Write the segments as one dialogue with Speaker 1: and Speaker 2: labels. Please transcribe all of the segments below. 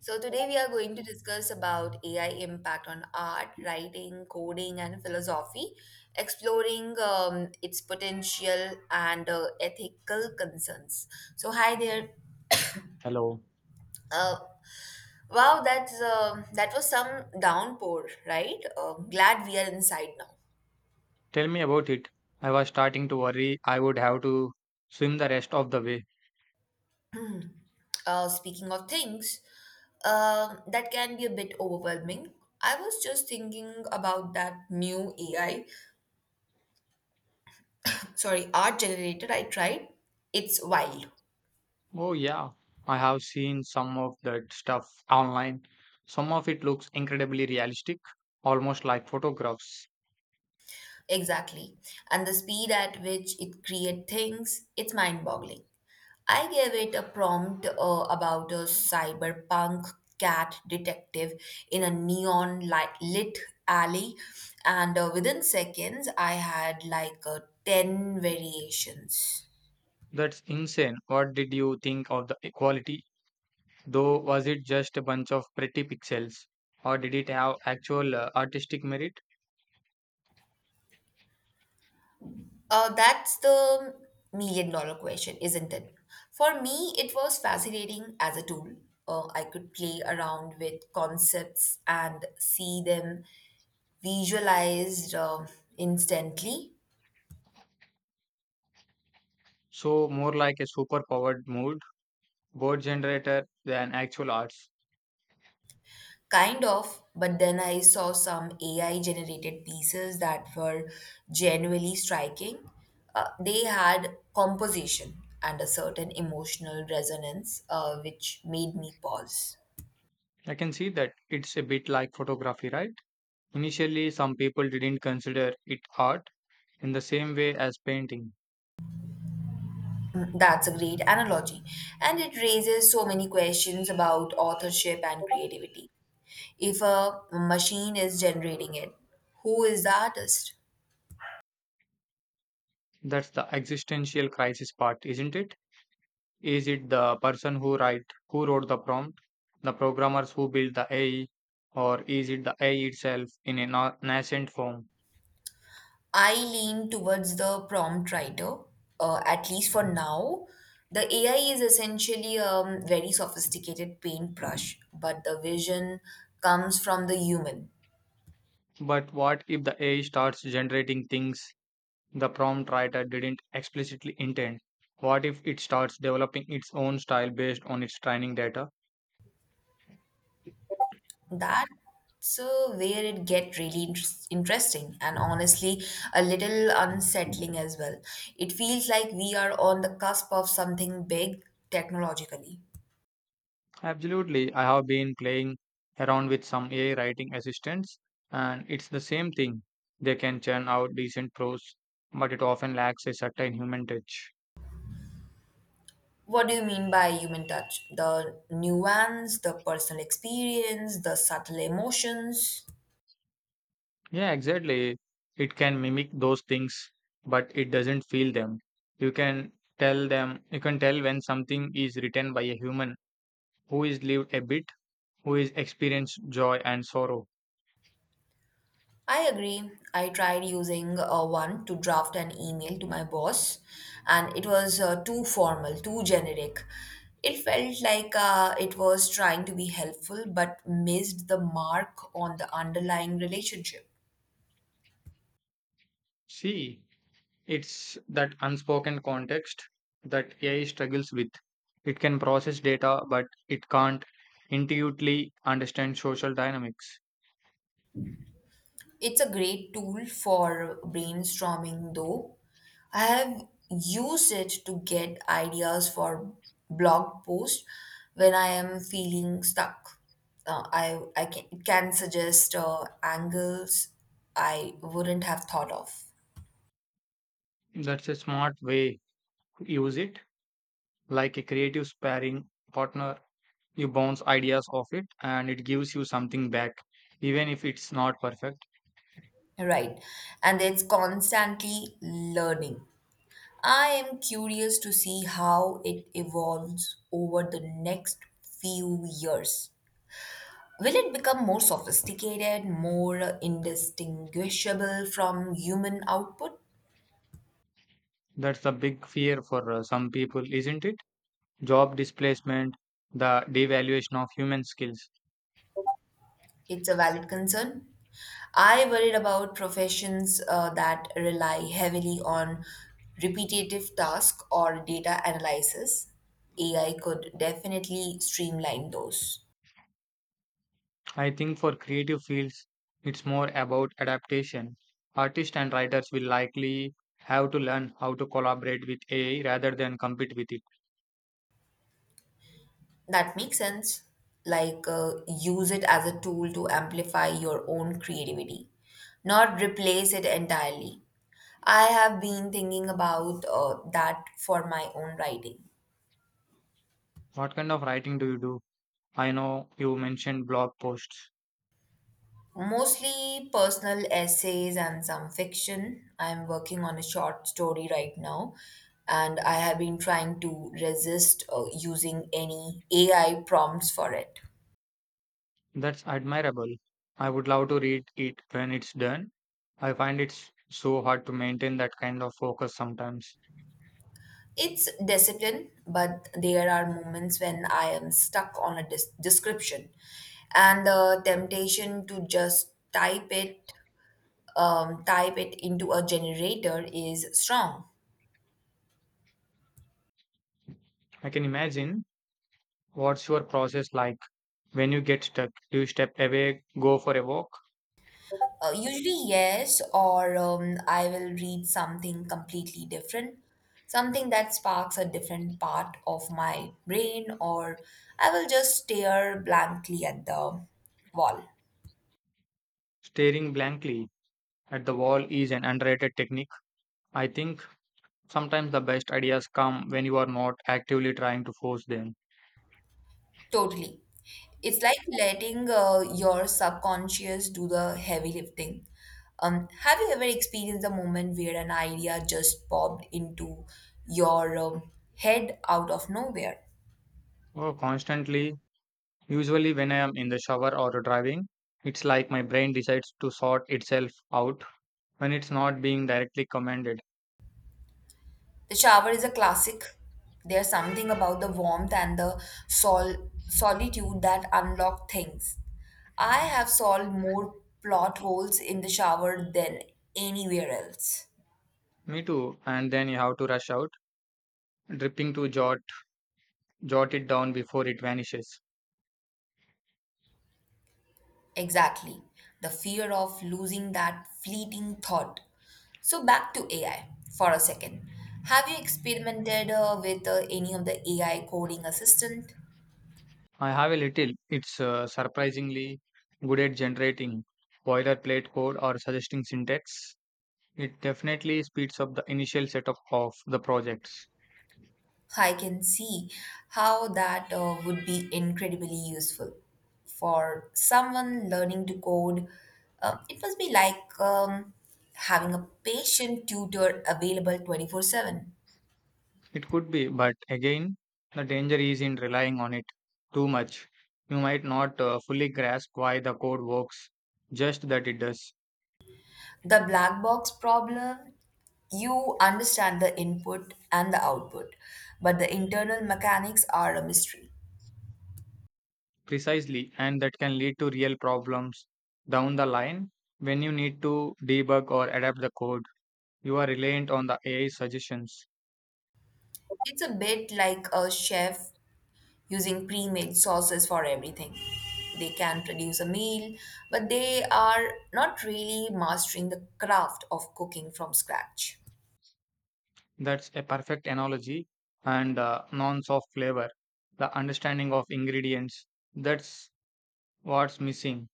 Speaker 1: So today we are going to discuss about AI impact on art, writing, coding, and philosophy, exploring its potential and ethical concerns. So hi there.
Speaker 2: Hello.
Speaker 1: Uh, wow, that was some downpour, right? Glad we are inside now.
Speaker 2: Tell me about it. I was starting to worry I would have to swim the rest of the way.
Speaker 1: Speaking of things that can be a bit overwhelming. I was just thinking about that new AI, sorry, art generated, I tried, it's wild.
Speaker 2: Oh, yeah. I have seen some of that stuff online. Some of it looks incredibly realistic, almost like photographs.
Speaker 1: Exactly. And the speed at which it creates things, it's mind boggling. I gave it a prompt about a cyberpunk cat detective in a neon light lit alley, and within seconds, I had like 10 variations.
Speaker 2: That's insane. What did you think of the quality? Though, was it just a bunch of pretty pixels? Or did it have actual artistic merit?
Speaker 1: That's the million-dollar question, isn't it? For me, it was fascinating as a tool. I could play around with concepts and see them visualized instantly,
Speaker 2: So, more like a superpowered mood, board generator than actual arts.
Speaker 1: kind of. But then I saw some AI generated pieces that were genuinely striking. They had composition and a certain emotional resonance, which made me pause.
Speaker 2: I can see that it's a bit like photography, right? Initially, some people didn't consider it art in the same way as painting.
Speaker 1: That's a great analogy, and it raises so many questions about authorship and creativity. If a machine is generating it, who is the artist?
Speaker 2: That's the existential crisis part, isn't it? Is it the person who wrote the prompt, the programmers who built the AI, or is it the AI itself in a nascent form?
Speaker 1: I lean towards the prompt writer, at least for now. The AI is essentially a very sophisticated paintbrush, but the vision comes from the human.
Speaker 2: But what if the AI starts generating things the prompt writer didn't explicitly intend? What if it starts developing its own style based on its training data?
Speaker 1: That's where it get really interesting and honestly a little unsettling as well. It feels like we are on the cusp of something big technologically.
Speaker 2: Absolutely. I have been playing around with some AI writing assistants, and it's the same thing. They can churn out decent prose, but it often lacks a certain human touch.
Speaker 1: What do you mean by human touch? The nuance, the personal experience, the subtle emotions?
Speaker 2: Yeah, exactly. It can mimic those things, but it doesn't feel them. You can you can tell when something is written by a human who is lived a bit, who is experienced joy and sorrow.
Speaker 1: I agree. I tried using one to draft an email to my boss, and it was too formal, too generic. It felt like it was trying to be helpful but missed the mark on the underlying relationship.
Speaker 2: See, it's that unspoken context that AI struggles with. It can process data, but it can't intuitively understand social dynamics.
Speaker 1: It's a great tool for brainstorming, though. I have used it to get ideas for blog posts when I am feeling stuck. It can suggest angles I wouldn't have thought of.
Speaker 2: That's a smart way to use it, like a creative sparring partner. You bounce ideas off it and it gives you something back, even if it's not perfect.
Speaker 1: Right. And it's constantly learning. I am curious to see how it evolves over the next few years. Will it become more sophisticated, more indistinguishable from human output?
Speaker 2: That's the big fear for some people, isn't it? Job displacement, the devaluation of human skills.
Speaker 1: It's a valid concern. I worried about professions that rely heavily on repetitive tasks or data analysis. AI could definitely streamline those.
Speaker 2: I think for creative fields, it's more about adaptation. Artists and writers will likely have to learn how to collaborate with AI rather than compete with it.
Speaker 1: That makes sense. Like, use it as a tool to amplify your own creativity, not replace it entirely. I have been thinking about that for my own writing.
Speaker 2: What kind of writing do you do? I know you mentioned blog posts.
Speaker 1: Mostly personal essays and some fiction. I'm working on a short story right now, and I have been trying to resist using any AI prompts for it.
Speaker 2: That's admirable. I would love to read it when it's done. I find it's so hard to maintain that kind of focus sometimes.
Speaker 1: It's discipline, but there are moments when I am stuck on a description, and the temptation to just type it into a generator is strong.
Speaker 2: I can imagine what's your process like when you get stuck. Do you step away, go for a walk,
Speaker 1: Usually, yes, or I will read something completely different, something that sparks a different part of my brain, or I will just stare blankly at the wall.
Speaker 2: staring blankly? At the wall is an underrated technique. I think sometimes the best ideas come when you are not actively trying to force them.
Speaker 1: Totally. It's like letting your subconscious do the heavy lifting. Have you ever experienced a moment where an idea just popped into your head out of nowhere?
Speaker 2: Oh, constantly, usually when I am in the shower or driving, it's like my brain decides to sort itself out when it's not being directly commanded.
Speaker 1: The shower is a classic. There's something about the warmth and the solitude that unlock things. I have solved more plot holes in the shower than anywhere else.
Speaker 2: Me too, and then you have to rush out, dripping to jot it down before it vanishes.
Speaker 1: Exactly. The fear of losing that fleeting thought. So, back to AI for a second. Have you experimented with any of the AI coding assistant?
Speaker 2: I have a little. It's surprisingly good at generating boilerplate code or suggesting syntax. It definitely speeds up the initial setup of the projects.
Speaker 1: I can see how that would be incredibly useful for someone learning to code. It must be like having a patient tutor available 24/7.
Speaker 2: It could be, but again, the danger is in relying on it too much. You might not fully grasp why the code works, just that it does.
Speaker 1: The black box problem, you understand the input and the output, but the internal mechanics are a mystery.
Speaker 2: Precisely, and that can lead to real problems down the line when you need to debug or adapt the code. You are reliant on the AI suggestions.
Speaker 1: It's a bit like a chef using pre-made sauces for everything. They can produce a meal, but they are not really mastering the craft of cooking from scratch.
Speaker 2: That's a perfect analogy, and nonce of flavor, the understanding of ingredients. That's what's missing.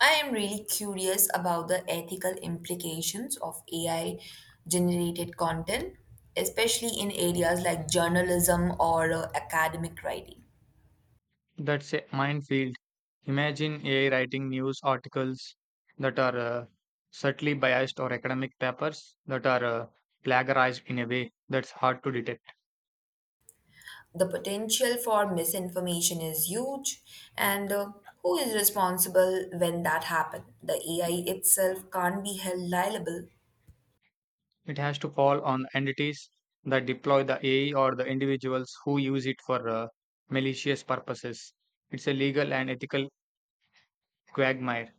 Speaker 1: I am really curious about the ethical implications of AI generated content, especially in areas like journalism or academic writing.
Speaker 2: That's a minefield. Imagine AI writing news articles that are subtly biased or academic papers that are plagiarized in a way that's hard to detect.
Speaker 1: The potential for misinformation is huge, and who is responsible when that happens? The AI itself can't be held liable.
Speaker 2: It has to fall on the entities that deploy the AI or the individuals who use it for malicious purposes. It's a legal and ethical quagmire.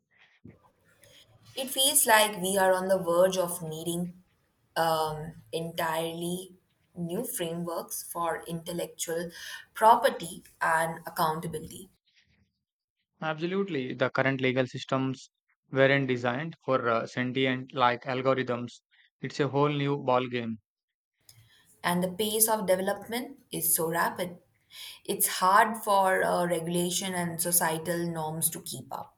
Speaker 1: It feels like we are on the verge of needing entirely new frameworks for intellectual property and accountability.
Speaker 2: Absolutely, the current legal systems weren't designed for sentient like algorithms. It's a whole new ballgame.
Speaker 1: And the pace of development is so rapid. It's hard for regulation and societal norms to keep up.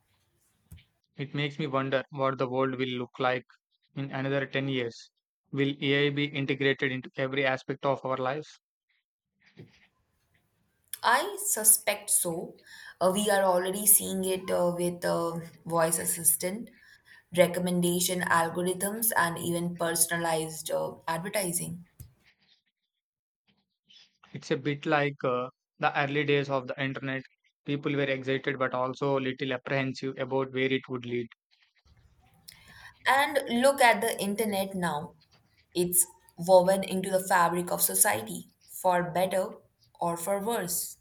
Speaker 2: It makes me wonder what the world will look like in another 10 years. Will AI be integrated into every aspect of our lives?
Speaker 1: I suspect so. We are already seeing it with voice assistant, recommendation algorithms, and even personalized advertising.
Speaker 2: It's a bit like the early days of the internet. People were excited but also a little apprehensive about where it would lead.
Speaker 1: And look at the internet now. It's woven into the fabric of society, for better or for worse.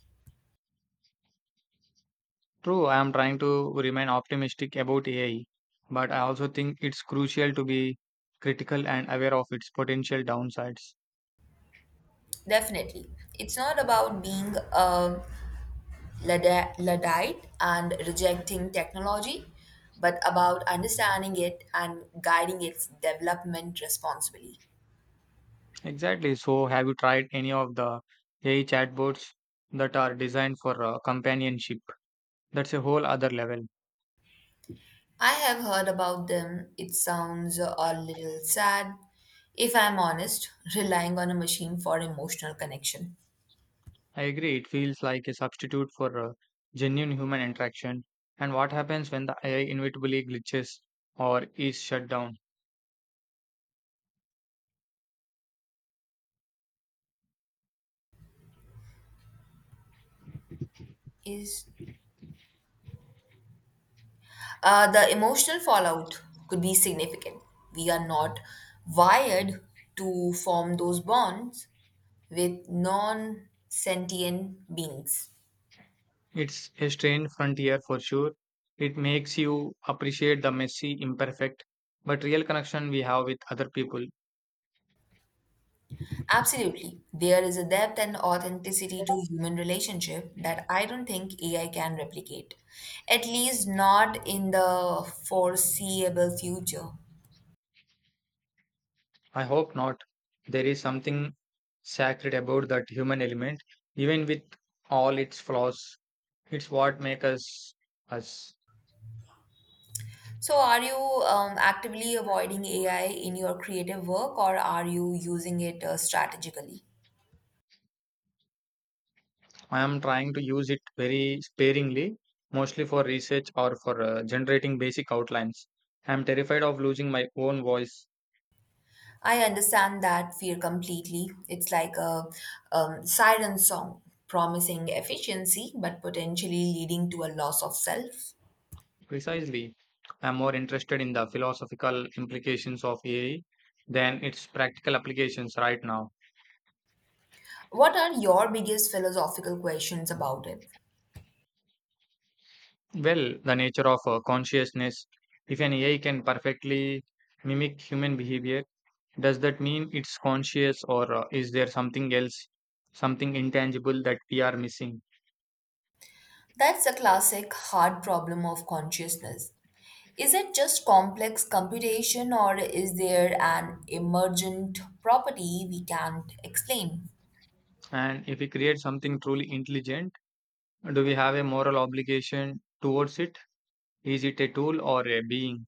Speaker 2: True, I am trying to remain optimistic about AI, but I also think it's crucial to be critical and aware of its potential downsides.
Speaker 1: Definitely. It's not about being a Luddite and rejecting technology, but about understanding it and guiding its development responsibly.
Speaker 2: Exactly. So, have you tried any of the AI chatbots that are designed for companionship? That's a whole other level.
Speaker 1: I have heard about them. It sounds a little sad, if I'm honest, relying on a machine for emotional connection.
Speaker 2: I agree, it feels like a substitute for genuine human interaction. And what happens when the AI inevitably glitches or is shut down?
Speaker 1: Is the emotional fallout could be significant. We are not wired to form those bonds with non sentient beings.
Speaker 2: It's a strange frontier for sure. It makes you appreciate the messy, imperfect, but real connection we have with other people.
Speaker 1: Absolutely. There is a depth and authenticity to human relationship that I don't think AI can replicate, at least not in the foreseeable future.
Speaker 2: I hope not. There is something sacred about that human element, even with all its flaws. It's what makes us us.
Speaker 1: So, are you actively avoiding AI in your creative work, or are you using it strategically?
Speaker 2: I am trying to use it very sparingly, mostly for research or for generating basic outlines. I am terrified of losing my own voice.
Speaker 1: I understand that fear completely. It's like a siren song, promising efficiency but potentially leading to a loss of self.
Speaker 2: Precisely, I am more interested in the philosophical implications of AI than its practical applications right now.
Speaker 1: What are your biggest philosophical questions about it?
Speaker 2: Well, the nature of consciousness. If an AI can perfectly mimic human behavior, does that mean it's conscious, or is there something else, something intangible that we are missing?
Speaker 1: That's a classic hard problem of consciousness. Is it just complex computation, or is there an emergent property we can't explain?
Speaker 2: And if we create something truly intelligent, do we have a moral obligation towards it? Is it a tool or a being?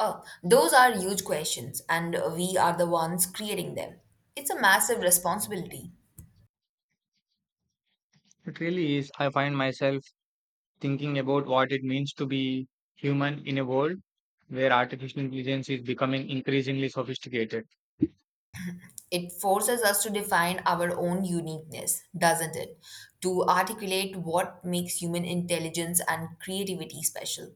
Speaker 1: Oh, those are huge questions, and we are the ones creating them. It's a massive responsibility.
Speaker 2: It really is. I find myself thinking about what it means to be human in a world where artificial intelligence is becoming increasingly sophisticated.
Speaker 1: It forces us to define our own uniqueness, doesn't it? To articulate what makes human intelligence and creativity special.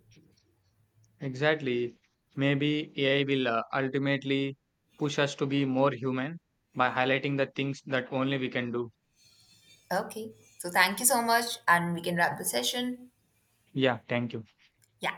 Speaker 2: Exactly. Maybe AI will ultimately push us to be more human by highlighting the things that only we can do.
Speaker 1: Okay, so thank you so much, and we can wrap the session.
Speaker 2: Yeah, thank you.
Speaker 1: Yeah.